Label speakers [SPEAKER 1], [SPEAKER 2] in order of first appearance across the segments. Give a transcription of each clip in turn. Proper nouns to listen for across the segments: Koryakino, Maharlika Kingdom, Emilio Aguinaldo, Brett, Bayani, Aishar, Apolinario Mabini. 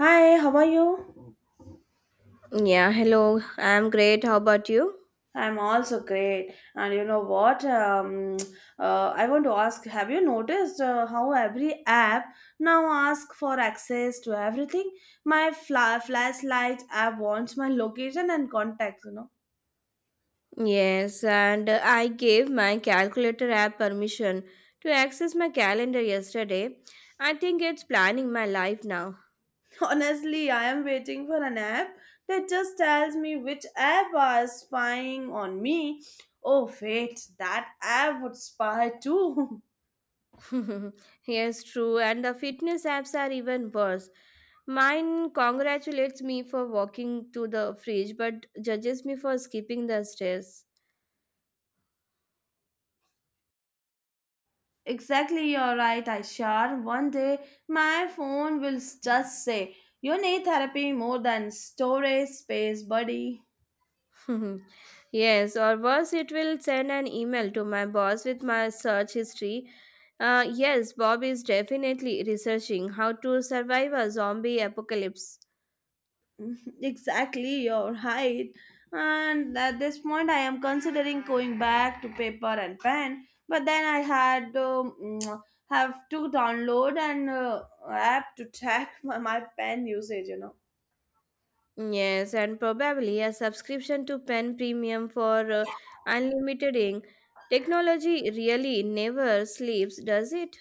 [SPEAKER 1] Hi, how are you?
[SPEAKER 2] Yeah, hello. I'm great. How about you?
[SPEAKER 1] I'm also great. And you know what? I want to ask, have you noticed how every app now asks for access to everything? My flashlight app wants my location and contacts.
[SPEAKER 2] Yes, and I gave my calculator app permission to access my calendar yesterday. I think it's planning my life now.
[SPEAKER 1] Honestly, I am waiting for an app that just tells me which app are spying on me. Oh, wait, that app would spy too.
[SPEAKER 2] Yes, true. And the fitness apps are even worse. Mine congratulates me for walking to the fridge but judges me for skipping the stairs.
[SPEAKER 1] Exactly, you're right, Aishar. One day, my phone will just say, You need therapy more than storage space, buddy.
[SPEAKER 2] Yes, or worse, it will send an email to my boss with my search history. Yes, Bob is definitely researching how to survive a zombie apocalypse.
[SPEAKER 1] Exactly, you're right. And at this point, I am considering going back to paper and pen. But then I had have to download an app to track my pen usage.
[SPEAKER 2] Yes, and probably a subscription to Pen Premium for unlimited ink. Technology really never sleeps, does it?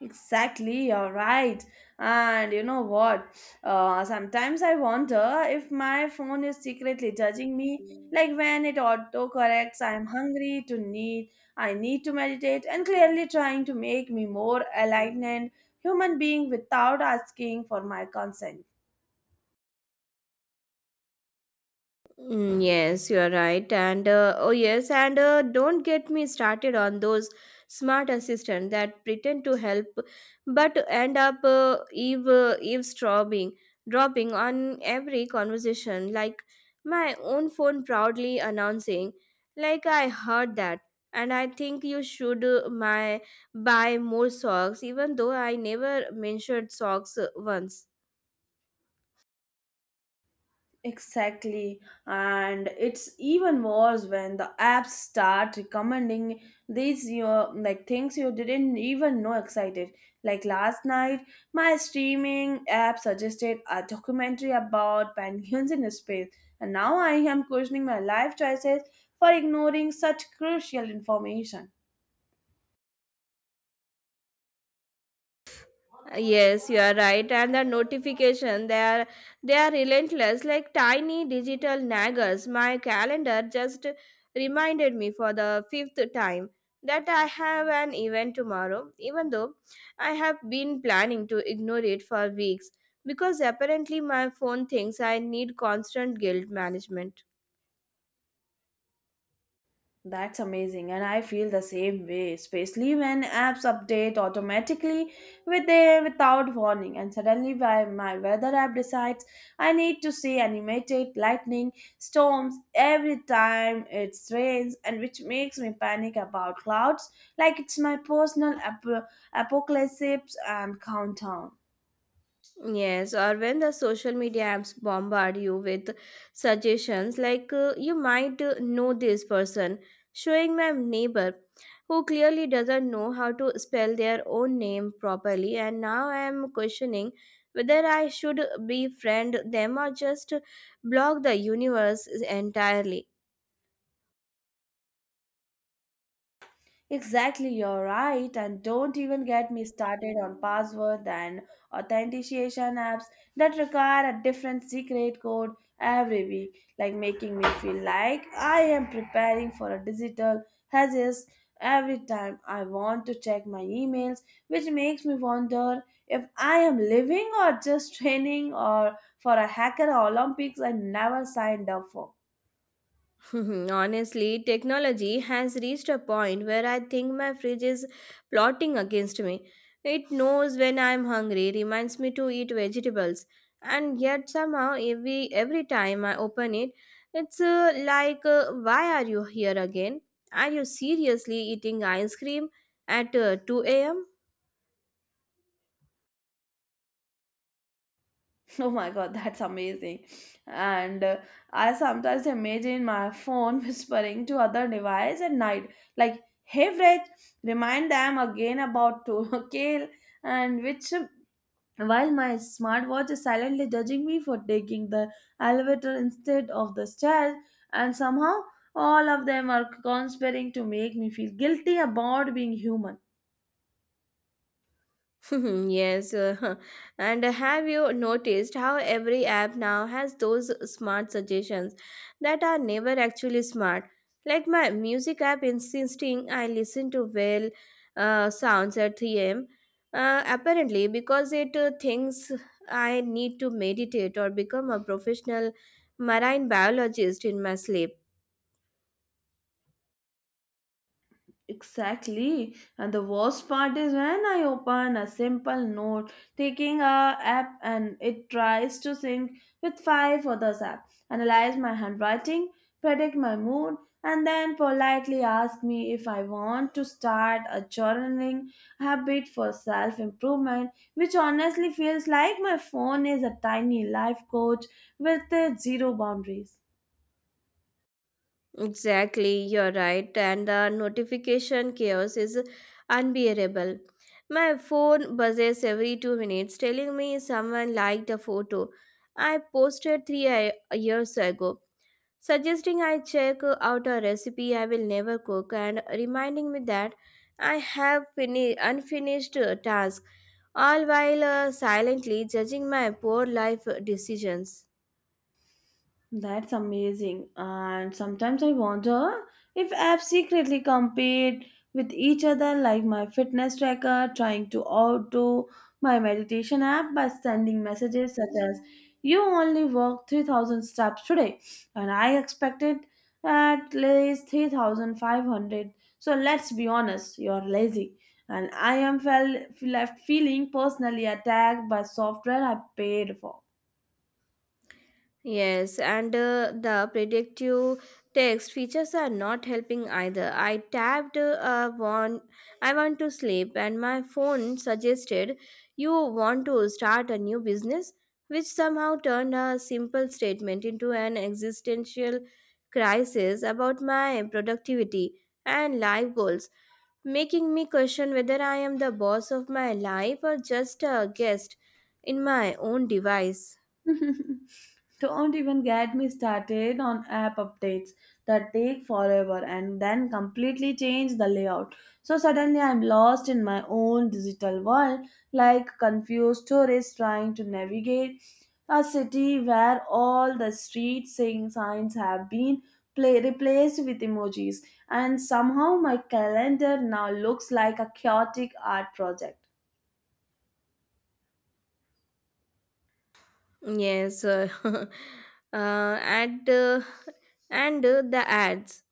[SPEAKER 1] Exactly, you're right. And you know what? Sometimes I wonder if my phone is secretly judging me, like when it autocorrects, I'm hungry to need, I need to meditate, and clearly trying to make me more enlightened human being without asking for my consent.
[SPEAKER 2] Mm, yes, you are right. And oh, yes, and don't get me started on those smart assistants that pretend to help but end up eavesdropping dropping on every conversation, like my own phone proudly announcing, like I heard that. And I think you should my buy more socks, even though I never mentioned socks once.
[SPEAKER 1] Exactly, and it's even worse when the apps start recommending these your like things you didn't even know excited. Like last night, my streaming app suggested a documentary about penguins in space, and now I am questioning my life choices for ignoring such crucial information.
[SPEAKER 2] Yes, you are right. And the notification, they are relentless, like tiny digital naggers. My calendar just reminded me for the fifth time that I have an event tomorrow, even though I have been planning to ignore it for weeks because apparently my phone thinks I need constant guilt management.
[SPEAKER 1] That's amazing, and I feel the same way, especially when apps update automatically with a, without warning, and suddenly my weather app decides I need to see animated lightning storms every time it rains, and which makes me panic about clouds like it's my personal apocalypse and countdown.
[SPEAKER 2] Yes, or when the social media apps bombard you with suggestions like you might know this person, showing my neighbor who clearly doesn't know how to spell their own name properly, and now I am questioning whether I should befriend them or just block the universe entirely.
[SPEAKER 1] Exactly, you're right. And don't even get me started on password and authentication apps that require a different secret code every week, like making me feel like I am preparing for a digital hazard every time I want to check my emails, which makes me wonder if I am living or just training or for a hacker Olympics I never signed up for.
[SPEAKER 2] Honestly, technology has reached a point where I think my fridge is plotting against me. It knows when I'm hungry, reminds me to eat vegetables, and yet somehow every time I open it, it's like, "Why are you here again? Are you seriously eating ice cream at 2 a.m.?"
[SPEAKER 1] Oh my god, that's amazing. And I sometimes imagine my phone whispering to other device at night, like, hey, Brett, remind them again about to kale, and while my smartwatch is silently judging me for taking the elevator instead of the stairs, and somehow all of them are conspiring to make me feel guilty about being human.
[SPEAKER 2] Yes, and have you noticed how every app now has those smart suggestions that are never actually smart? Like my music app insisting I listen to sounds at 3 a.m. Apparently, because it thinks I need to meditate or become a professional marine biologist in my sleep.
[SPEAKER 1] Exactly. And the worst part is when I open a simple note, taking a app and it tries to sync with five others app, analyze my handwriting, predict my mood, and then politely ask me if I want to start a journaling habit for self-improvement, which honestly feels like my phone is a tiny life coach with zero boundaries.
[SPEAKER 2] Exactly, you're right. And the notification chaos is unbearable. My phone buzzes every 2 minutes telling me someone liked a photo I posted years ago, suggesting I check out a recipe I will never cook and reminding me that I have unfinished task, all while silently judging my poor life decisions.
[SPEAKER 1] That's amazing. And sometimes I wonder if apps secretly compete with each other, like my fitness tracker trying to outdo my meditation app by sending messages such as, You only walked 3,000 steps today, and I expected at least 3,500. So let's be honest, you're lazy. And I am left feeling personally attacked by software I paid for.
[SPEAKER 2] Yes, and the predictive text features are not helping either. I tapped want I want to sleep and my phone suggested you want to start a new business, which somehow turned a simple statement into an existential crisis about my productivity and life goals, making me question whether I am the boss of my life or just a guest in my own device.
[SPEAKER 1] Don't even get me started on app updates that take forever and then completely change the layout. So suddenly I'm lost in my own digital world, like confused tourists trying to navigate a city where all the street signs have been replaced with emojis, and somehow my calendar now looks like a chaotic art project.
[SPEAKER 2] Yes, uh, and uh, and the ads,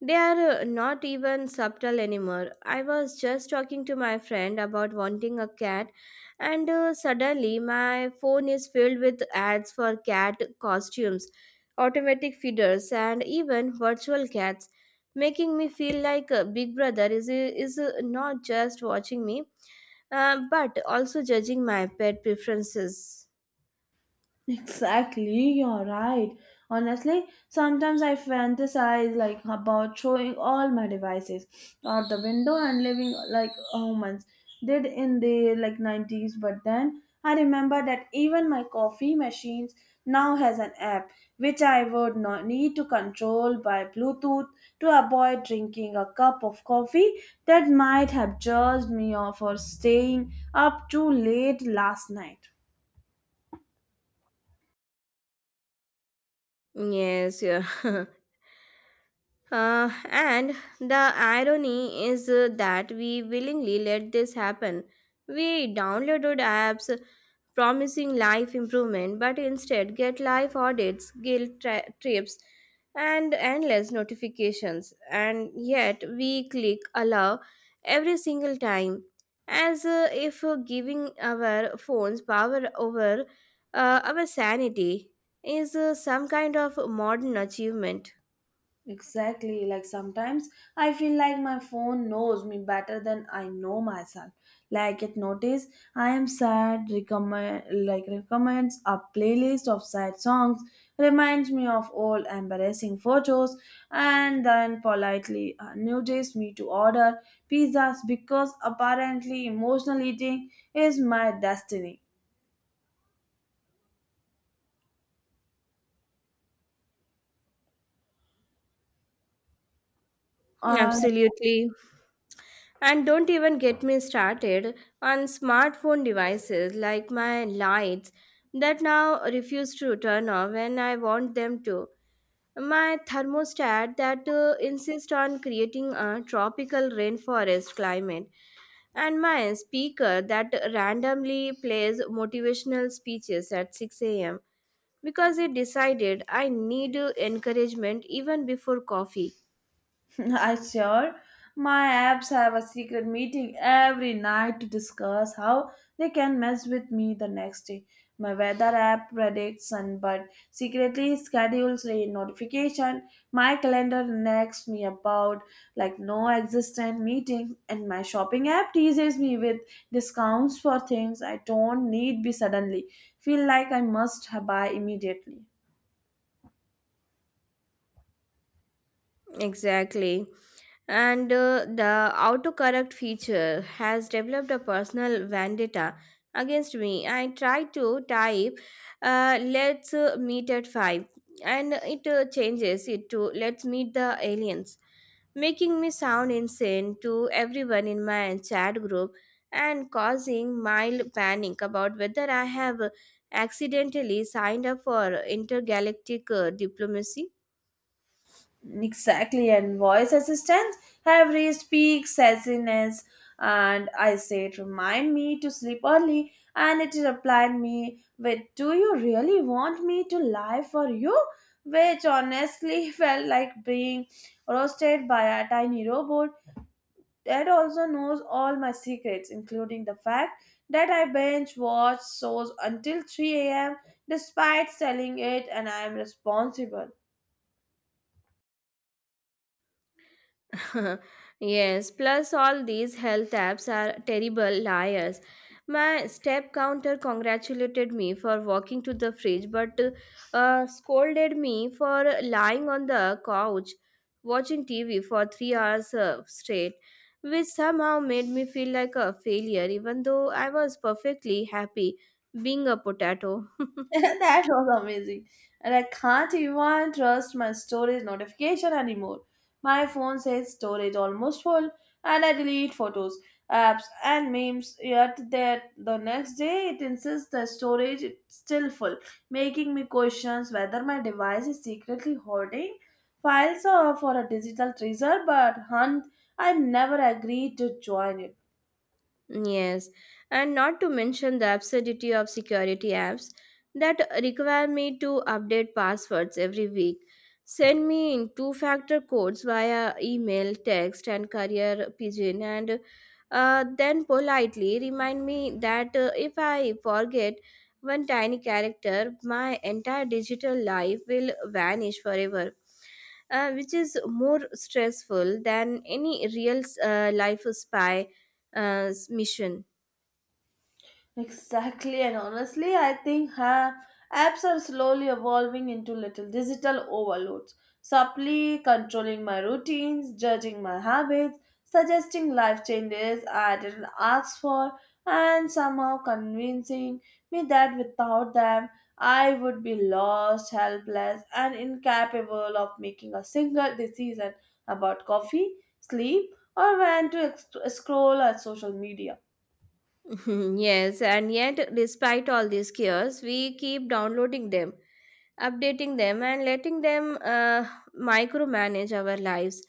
[SPEAKER 2] they are not even subtle anymore. I was just talking to my friend about wanting a cat, and suddenly my phone is filled with ads for cat costumes, automatic feeders, and even virtual cats, making me feel like Big Brother is not just watching me, but also judging my pet preferences.
[SPEAKER 1] Exactly, you're right. Honestly, sometimes I fantasize like about throwing all my devices out the window and living like humans did in the like 90s. But then I remember that even my coffee machines now has an app which I would not need to control by Bluetooth to avoid drinking a cup of coffee that might have judged me off for staying up too late last night.
[SPEAKER 2] Yes, yeah. And the irony is that we willingly let this happen. We downloaded apps promising life improvement, but instead get life audits, trips, and endless notifications. And yet we click allow every single time, as if giving our phones power over our sanity is some kind of modern achievement.
[SPEAKER 1] Exactly. Like sometimes I feel like my phone knows me better than I know myself. Like it notice I am sad, recommend like recommends a playlist of sad songs, reminds me of old embarrassing photos, and then politely nudges me to order pizzas because apparently emotional eating is my destiny. Uh,
[SPEAKER 2] Absolutely. And don't even get me started on smartphone devices like my lights that now refuse to turn off when I want them to. My thermostat that insists on creating a tropical rainforest climate, and my speaker that randomly plays motivational speeches at 6 a.m. because it decided I need encouragement even before coffee.
[SPEAKER 1] I sure my apps have a secret meeting every night to discuss how they can mess with me the next day. My weather app predicts sun, but secretly schedules a notification. My calendar nags me about like no existent meetings, and my shopping app teases me with discounts for things I don't need. Be suddenly feel like I must buy immediately.
[SPEAKER 2] Exactly. And the autocorrect feature has developed a personal vendetta against me. I tried to type let's meet at 5 and it changes it to let's meet the aliens, making me sound insane to everyone in my chat group and causing mild panic about whether I have accidentally signed up for intergalactic diplomacy.
[SPEAKER 1] Exactly, and voice assistants have reached peak sassiness. And I said, Remind me to sleep early, and it replied me with, Do you really want me to lie for you? Which honestly felt like being roasted by a tiny robot that also knows all my secrets, including the fact that I binge watch shows until 3 a.m. despite selling it and I am responsible.
[SPEAKER 2] Yes, plus all these health apps are terrible liars. My step counter congratulated me for walking to the fridge but scolded me for lying on the couch watching TV for 3 hours straight, which somehow made me feel like a failure even though I was perfectly happy being a potato.
[SPEAKER 1] That was amazing. And I can't even trust my storage notification anymore. My phone says storage almost full, and I delete photos, apps, and memes. Yet that the next day it insists the storage is still full, making me question whether my device is secretly hoarding files or for a digital treasure. But hunt, I never agreed to join it.
[SPEAKER 2] Yes, and not to mention the absurdity of security apps that require me to update passwords every week, send me in two factor codes via email, text, and carrier pigeon, and then politely remind me that if I forget one tiny character, my entire digital life will vanish forever. Which is more stressful than any real life spy mission.
[SPEAKER 1] Exactly, and honestly, I think apps are slowly evolving into little digital overloads, subtly controlling my routines, judging my habits, suggesting life changes I didn't ask for, and somehow convincing me that without them, I would be lost, helpless, and incapable of making a single decision about coffee, sleep, or when to scroll at social media.
[SPEAKER 2] Yes, and yet, despite all these chaos, we keep downloading them, updating them, and letting them micromanage our lives.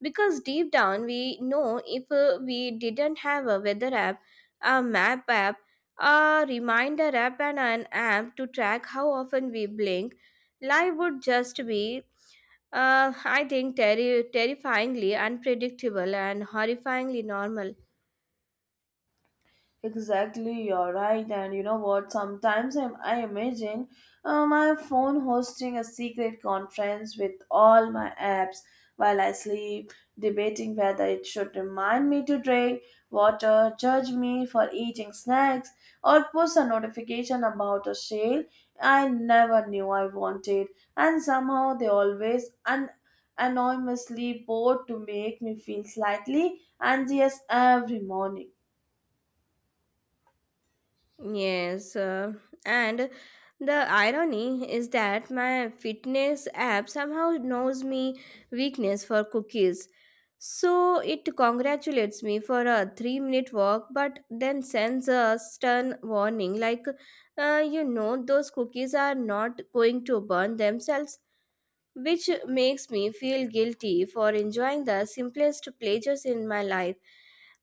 [SPEAKER 2] Because deep down, we know if we didn't have a weather app, a map app, a reminder app, and an app to track how often we blink, life would just be, I think, terrifyingly unpredictable and horrifyingly normal.
[SPEAKER 1] Exactly, you're right. And you know what? Sometimes I imagine my phone hosting a secret conference with all my apps while I sleep, debating whether it should remind me to drink water, judge me for eating snacks, or post a notification about a sale I never knew I wanted. And somehow they always anonymously bored to make me feel slightly anxious every morning.
[SPEAKER 2] Yes, and the irony is that my fitness app somehow knows me weakness for cookies. So it congratulates me for a 3-minute walk but then sends a stern warning like you know those cookies are not going to burn themselves, which makes me feel guilty for enjoying the simplest pleasures in my life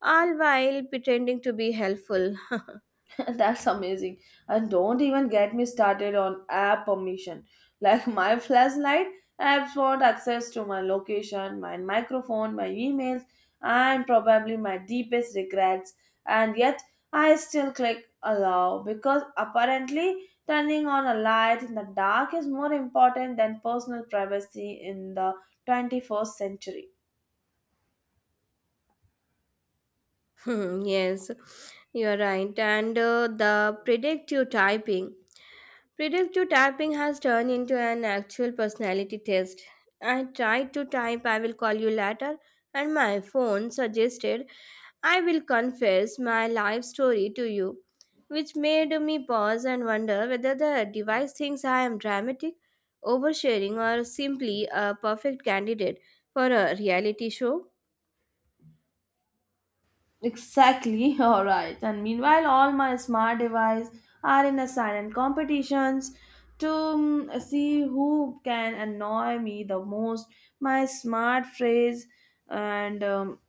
[SPEAKER 2] all while pretending to be helpful.
[SPEAKER 1] That's amazing. And don't even get me started on app permission. Like my flashlight apps want access to my location, my microphone, my emails, and probably my deepest regrets. And yet I still click allow because apparently turning on a light in the dark is more important than personal privacy in the 21st century.
[SPEAKER 2] Hmm, yes, you are right. And the predictive typing. Predictive typing has turned into an actual personality test. I tried to type, I will call you later, and my phone suggested, I will confess my life story to you, which made me pause and wonder whether the device thinks I am dramatic, oversharing, or simply a perfect candidate for a reality show.
[SPEAKER 1] Exactly, all right. And meanwhile, all my smart devices are in a silent competitions to see who can annoy me the most. My smart phrase and um,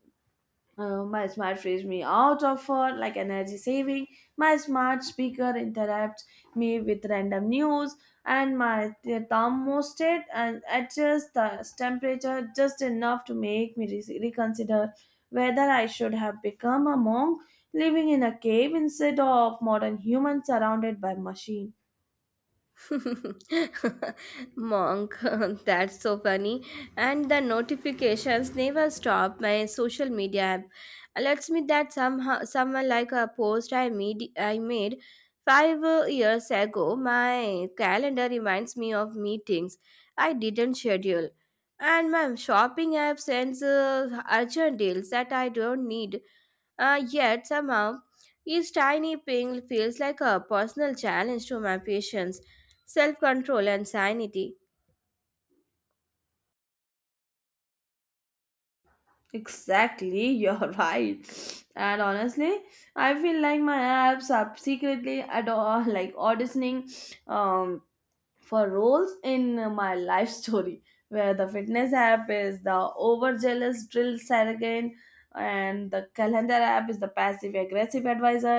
[SPEAKER 1] uh, my smart frees me out of her like energy saving. My smart speaker interrupts me with random news, and my thermostat and adjusts the temperature just enough to make me reconsider whether I should have become a monk living in a cave instead of modern humans surrounded by machine.
[SPEAKER 2] Monk, that's so funny. And the notifications never stop. My social media app alerts me that somehow someone like a post I made five years ago. My calendar reminds me of meetings I didn't schedule, and my shopping app sends urgent deals that I don't need. Yet somehow, each tiny ping feels like a personal challenge to my patience, self control, and sanity.
[SPEAKER 1] Exactly, you're right. And honestly, I feel like my apps are secretly adore like auditioning um for roles in my life story where the fitness app is the overzealous drill sergeant and the calendar app is the passive aggressive advisor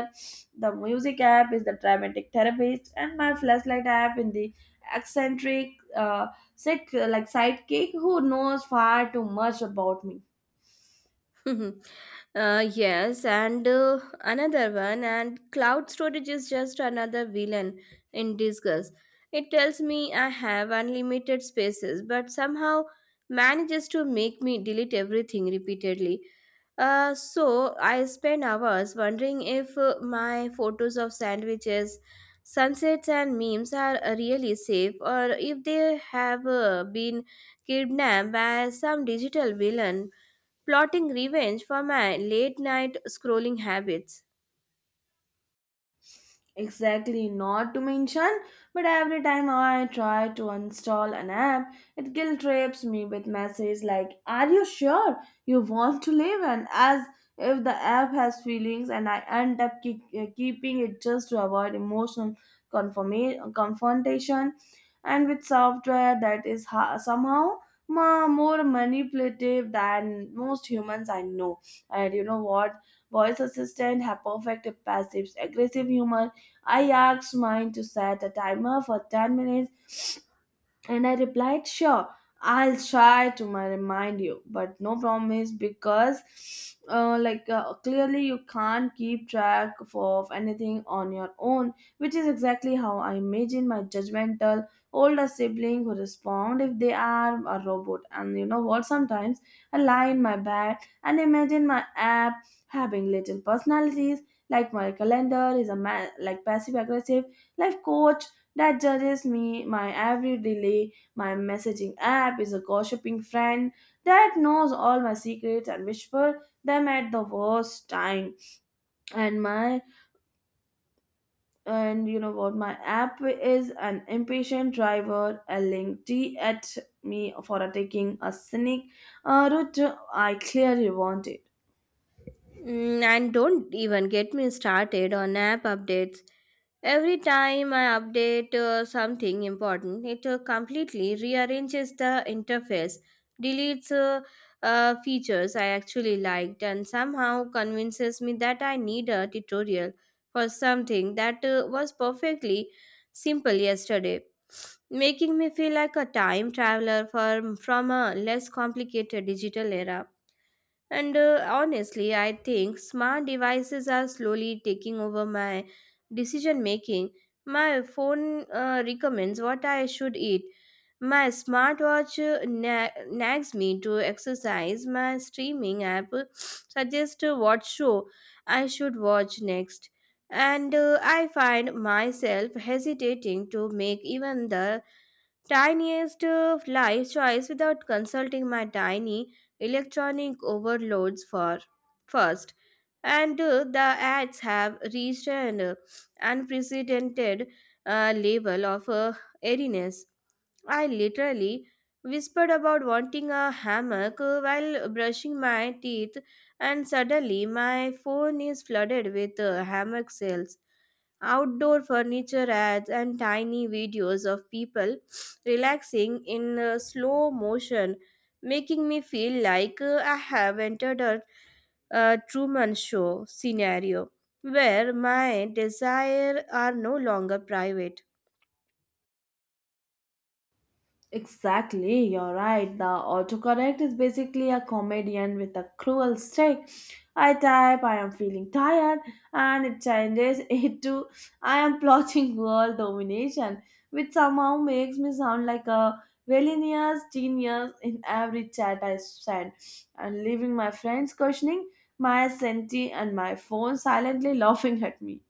[SPEAKER 1] the music app is the dramatic therapist and my flashlight app in the eccentric uh, sick like sidekick who knows far too much about me.
[SPEAKER 2] Yes, and another one, and cloud storage is just another villain in disguise. It tells me I have unlimited spaces, but somehow manages to make me delete everything repeatedly. So I spend hours wondering if my photos of sandwiches, sunsets, and memes are really safe, or if they have been kidnapped by some digital villain plotting revenge for my late night scrolling habits.
[SPEAKER 1] Exactly, not to mention, but every time I try to install an app, it guilt trips me with messages like, Are you sure you want to live? And as if the app has feelings, and I end up keeping it just to avoid emotional confrontation. And with software that is somehow more manipulative than most humans I know. And you know what? Voice assistant have perfect passive aggressive humor I asked mine to set a timer for 10 minutes and I replied, Sure, I'll try to my remind you, but no promise because, clearly you can't keep track of anything on your own, which is exactly how I imagine my judgmental older sibling who respond if they are a robot. And you know what? Sometimes I lie in my bed and imagine my app having little personalities. Like my calendar is a man, like passive aggressive life coach that judges me, my every delay, my messaging app is a gossiping friend that knows all my secrets and whisper them at the worst time. And my and you know what my app is an impatient driver yelling tea at me for taking a scenic route I clearly wanted.
[SPEAKER 2] Mm, and don't even get me started on app updates. Every time I update something important, it completely rearranges the interface, deletes features I actually liked, and somehow convinces me that I need a tutorial for something that was perfectly simple yesterday, making me feel like a time traveler from a less complicated digital era. And honestly, I think smart devices are slowly taking over my decision making. My phone recommends what I should eat. My smartwatch nags me to exercise. My streaming app suggests what show I should watch next. And I find myself hesitating to make even the tiniest life choice without consulting my tiny electronic overloads for first. And the ads have reached an unprecedented level of airiness. I literally whispered about wanting a hammock while brushing my teeth, and suddenly my phone is flooded with hammock sales, outdoor furniture ads, and tiny videos of people relaxing in slow motion, making me feel like I have entered a Truman Show scenario where my desire are no longer private.
[SPEAKER 1] Exactly, you're right. The autocorrect is basically a comedian with a cruel stick. I type, I am feeling tired, and it changes it to I am plotting world domination, which somehow makes me sound like a villainous genius in every chat I send, and leaving my friends questioning my sanity and my phone silently laughing at me.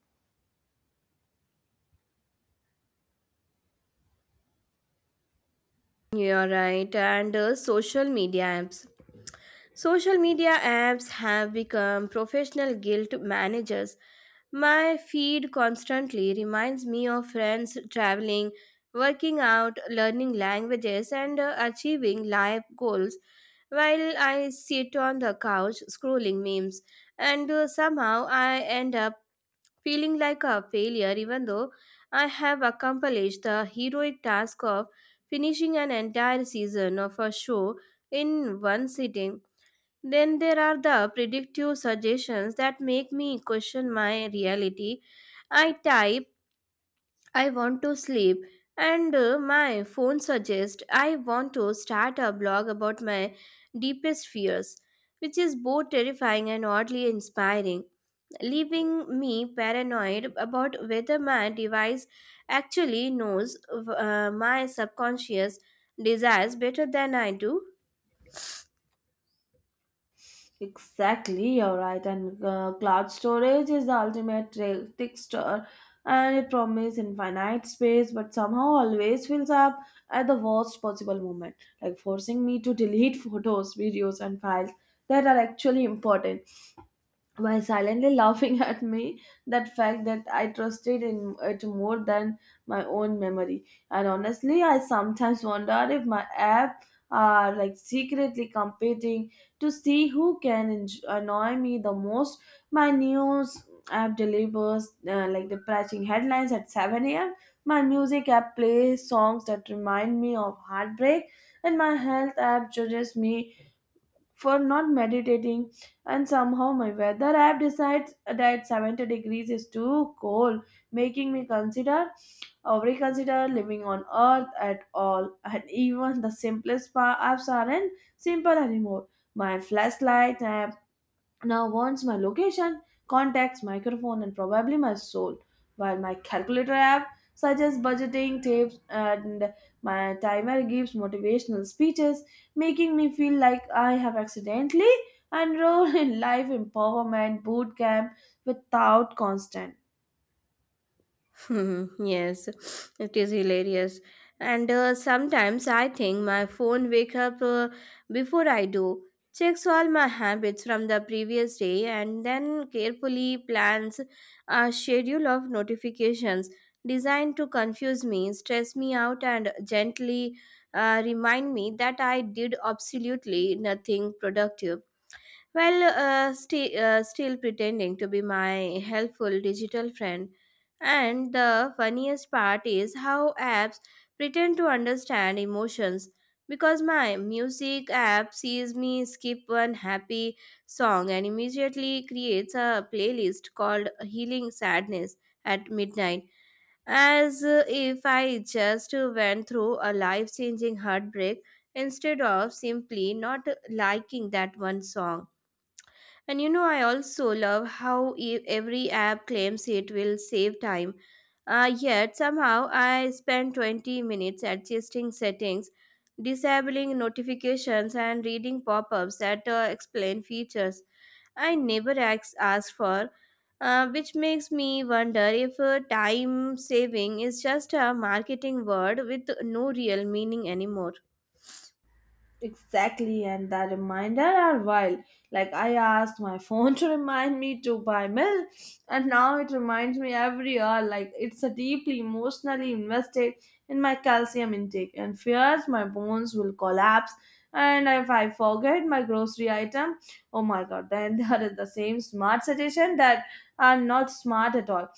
[SPEAKER 2] You're right. And social media apps, social media apps have become professional guilt managers. My feed constantly reminds me of friends traveling, working out, learning languages, and achieving life goals while I sit on the couch scrolling memes. And somehow I end up feeling like a failure, even though I have accomplished the heroic task of finishing an entire season of a show in one sitting. Then there are the predictive suggestions that make me question my reality. I type, I want to sleep, and my phone suggests I want to start a blog about my deepest fears, which is both terrifying and oddly inspiring, leaving me paranoid about whether my device actually knows my subconscious desires better than I do.
[SPEAKER 1] Exactly, you're right. And cloud storage is the ultimate trickster, and it promises infinite space, but somehow always fills up at the worst possible moment, like forcing me to delete photos, videos, and files that are actually important, while silently laughing at me that fact that I trusted in it more than my own memory. And honestly, I sometimes wonder if my app are like secretly competing to see who can annoy me the most. My news app delivers like depressing headlines at 7 a.m. My music app plays songs that remind me of heartbreak, and my health app judges me for not meditating, and somehow my weather app decides that 70 degrees is too cold, making me consider or reconsider living on earth at all. And even the simplest apps aren't simple anymore. My flashlight app now wants my location, contacts, microphone, and probably my soul. While my calculator app suggests budgeting tips and my timer gives motivational speeches, making me feel like I have accidentally enrolled in life empowerment boot camp without constant.
[SPEAKER 2] Hmm, yes, it is hilarious. And sometimes I think my phone wake up before I do, checks all my habits from the previous day, and then carefully plans a schedule of notifications designed to confuse me, stress me out, and gently remind me that I did absolutely nothing productive. Well, still pretending to be my helpful digital friend. And the funniest part is how apps pretend to understand emotions because my music app sees me skip one happy song and immediately creates a playlist called Healing Sadness at midnight as if I just went through a life changing heartbreak instead of simply not liking that one song. And you know, I also love how every app claims it will save time. Yet somehow I spend 20 minutes adjusting settings, disabling notifications, and reading pop ups that explain features I never asked for, which makes me wonder if time saving is just a marketing word with no real meaning anymore.
[SPEAKER 1] Exactly, and that reminder are wild. Like, I asked my phone to remind me to buy milk, and now it reminds me every hour. Like, it's a deeply emotionally invested in my calcium intake, and fears my bones will collapse. And if I forget my grocery item, oh my god, then there is the same smart suggestion that are not smart at all,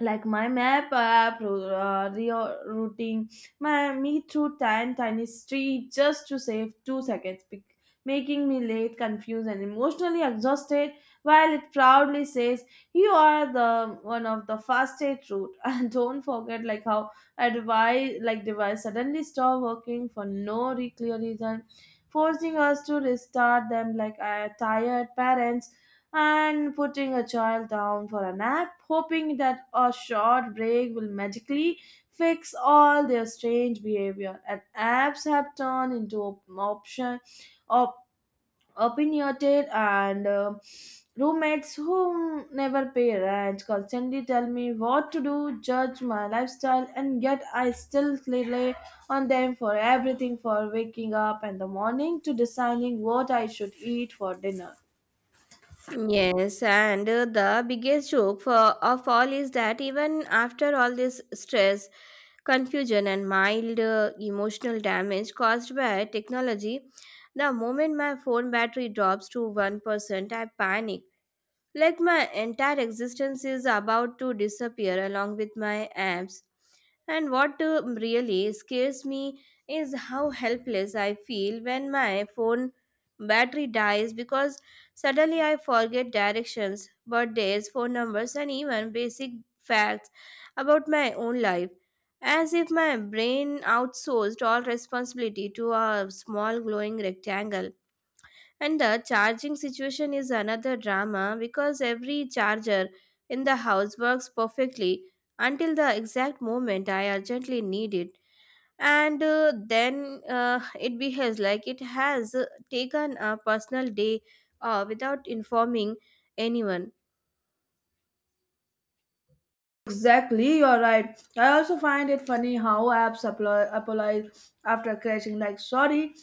[SPEAKER 1] like my map app, routing my me through tan tiny street just to save 2 seconds, making me late, confused, and emotionally exhausted. While it proudly says you are the one of the fastest route. And don't forget like how a device, like device suddenly stop working for no clear reason, forcing us to restart them like a tired parents and putting a child down for a nap, hoping that a short break will magically fix all their strange behavior. And apps have turned into option, op- opinionated, and roommates who never pay rent, constantly tell me what to do, judge my lifestyle, and yet I still rely on them for everything, for waking up in the morning to deciding what I should eat for dinner.
[SPEAKER 2] Yes, and the biggest joke for, of all is that even after all this stress, confusion, and mild emotional damage caused by technology, the moment my phone battery drops to 1%, I panic like my entire existence is about to disappear along with my abs. And what really scares me is how helpless I feel when my phone battery dies because suddenly I forget directions, birthdays, phone numbers, and even basic facts about my own life. As if my brain outsourced all responsibility to a small glowing rectangle and the charging situation is another drama because every charger in the house works perfectly until the exact moment I urgently need it. And then it behaves like it has taken a personal day without informing anyone.
[SPEAKER 1] Exactly, you're right. I also find it funny how apps apologize after crashing, like, sorry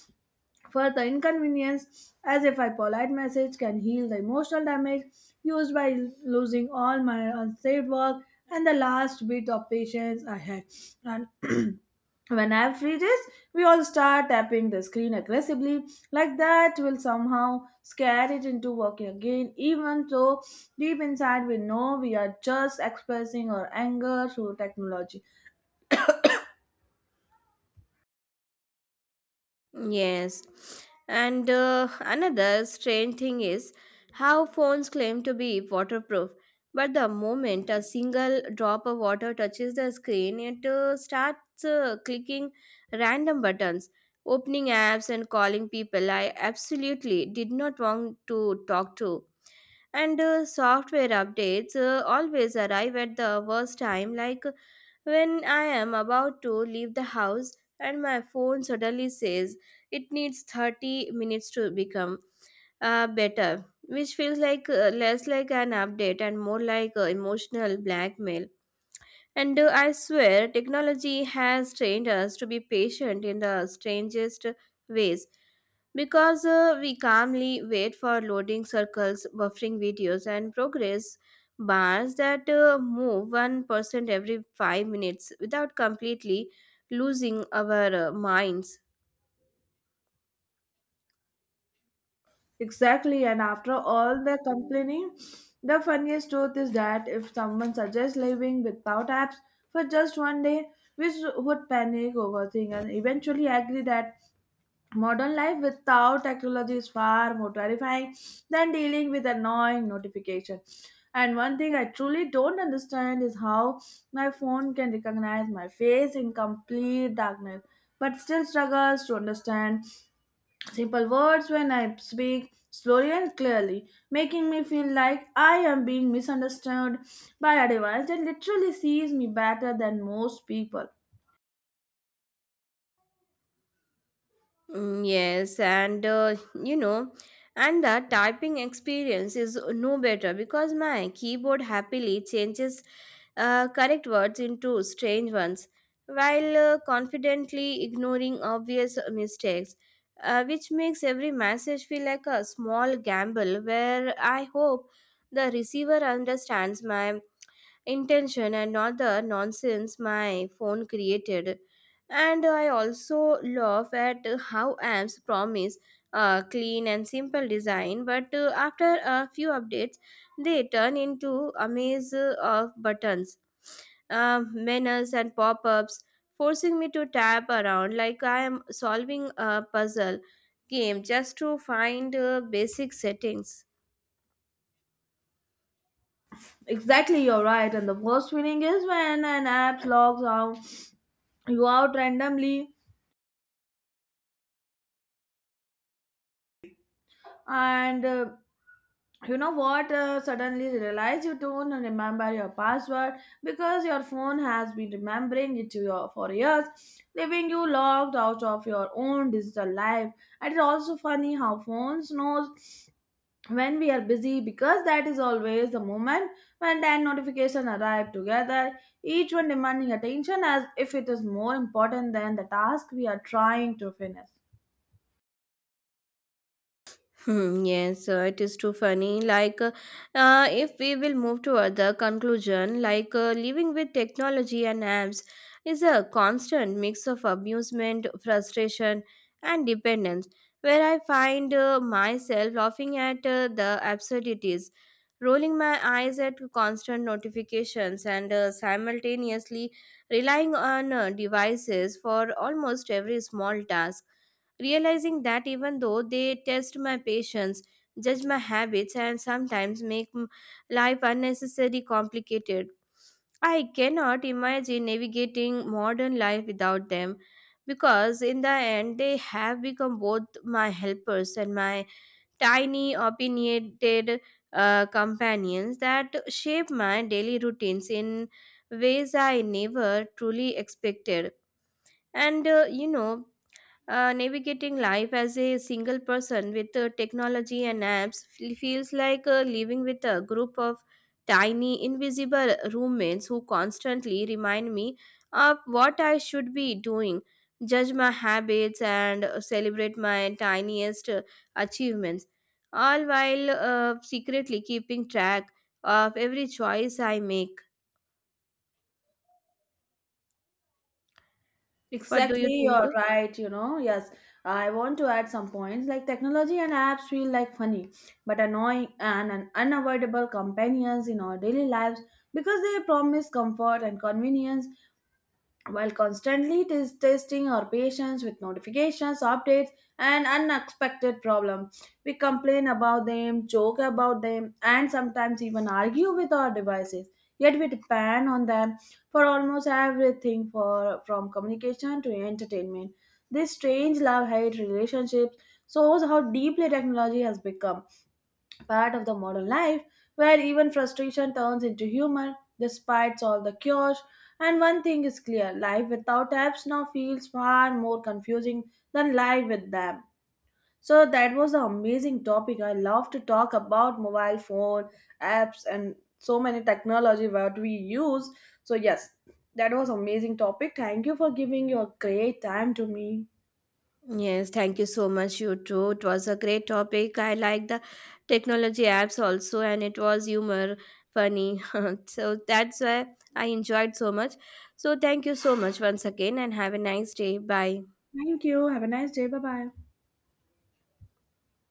[SPEAKER 1] for the inconvenience, as if a polite message can heal the emotional damage used by losing all my unsaved work and the last bit of patience I had. And when app freezes, we all start tapping the screen aggressively. Like that, will somehow scare it into working again, even though deep inside we know we are just expressing our anger through technology.
[SPEAKER 2] Yes. And another strange thing is how phones claim to be waterproof, but the moment a single drop of water touches the screen, it starts clicking random buttons, opening apps, and calling people I absolutely did not want to talk to. And software updates always arrive at the worst time, like when I am about to leave the house and my phone suddenly says it needs 30 minutes to become better, which feels like less like an update and more like emotional blackmail. And I swear, technology has trained us to be patient in the strangest ways because we calmly wait for loading circles, buffering videos, and progress bars that move 1% every 5 minutes without completely losing our minds.
[SPEAKER 1] Exactly, and after all the complaining, the funniest truth is that if someone suggests living without apps for just one day, we would panic, overthink, and eventually agree that modern life without technology is far more terrifying than dealing with annoying notification. And one thing I truly don't understand is how my phone can recognize my face in complete darkness, but still struggles to understand simple words when I speak slowly and clearly, making me feel like I am being misunderstood by a device that literally sees me better than most people.
[SPEAKER 2] Mm, yes, and you know, and the typing experience is no better because my keyboard happily changes correct words into strange ones while confidently ignoring obvious mistakes, which makes every message feel like a small gamble where I hope the receiver understands my intention and not the nonsense my phone created. And I also love at how apps promise a clean and simple design, but after a few updates, they turn into a maze of buttons, menus, and pop ups, forcing me to tap around like I am solving a puzzle game just to find basic settings.
[SPEAKER 1] Exactly, you're right. And the worst feeling is when an app logs out you out randomly, and you know what? Suddenly realize you don't remember your password because your phone has been remembering it to your for years, leaving you logged out of your own digital life. And it's also funny how phones knows when we are busy, because that is always the moment when 10 notifications arrive together, each one demanding attention as if it is more important than the task we are trying to finish.
[SPEAKER 2] Hmm, yes, it is too funny. Like, if we will move to other conclusion, like living with technology and apps is a constant mix of amusement, frustration, and dependence. Where I find myself laughing at the absurdities, rolling my eyes at constant notifications, and simultaneously relying on devices for almost every small task realizing that even though they test my patience, judge my habits, and sometimes make life unnecessarily complicated. I cannot imagine navigating modern life without them because, in the end, they have become both my helpers and my tiny, opinionated companions that shape my daily routines in ways I never truly expected. And navigating life as a single person with technology and apps feels like living with a group of tiny, invisible roommates who constantly remind me of what I should be doing, judge my habits, and celebrate my tiniest achievements, all while secretly keeping track of every choice I make. What do you
[SPEAKER 1] Exactly,
[SPEAKER 2] think?
[SPEAKER 1] you're right, yes. I want to add some points like technology and apps feel like funny but annoying and an unavoidable companions in our daily lives, because they promise comfort and convenience while constantly testing our patience with notifications, updates, and unexpected problems. We complain about them, joke about them, and sometimes even argue with our devices. Yet we depend on them for almost everything, from communication to entertainment. This strange love hate relationship shows how deeply technology has become part of the modern life, where even frustration turns into humor despite all the cures. And one thing is clear, life without apps now feels far more confusing than life with them. So that was an amazing topic. I love to talk about mobile phone apps and so many technology what we use. So yes, that was amazing topic. Thank you for giving your great time to me.
[SPEAKER 2] Yes, thank you so much, you too. It was a great topic. I like the technology apps also, and it was humor, funny. So that's why I enjoyed so much. So thank you so much once again, and have a nice day. Bye.
[SPEAKER 1] Thank you. Have a nice day. Bye bye.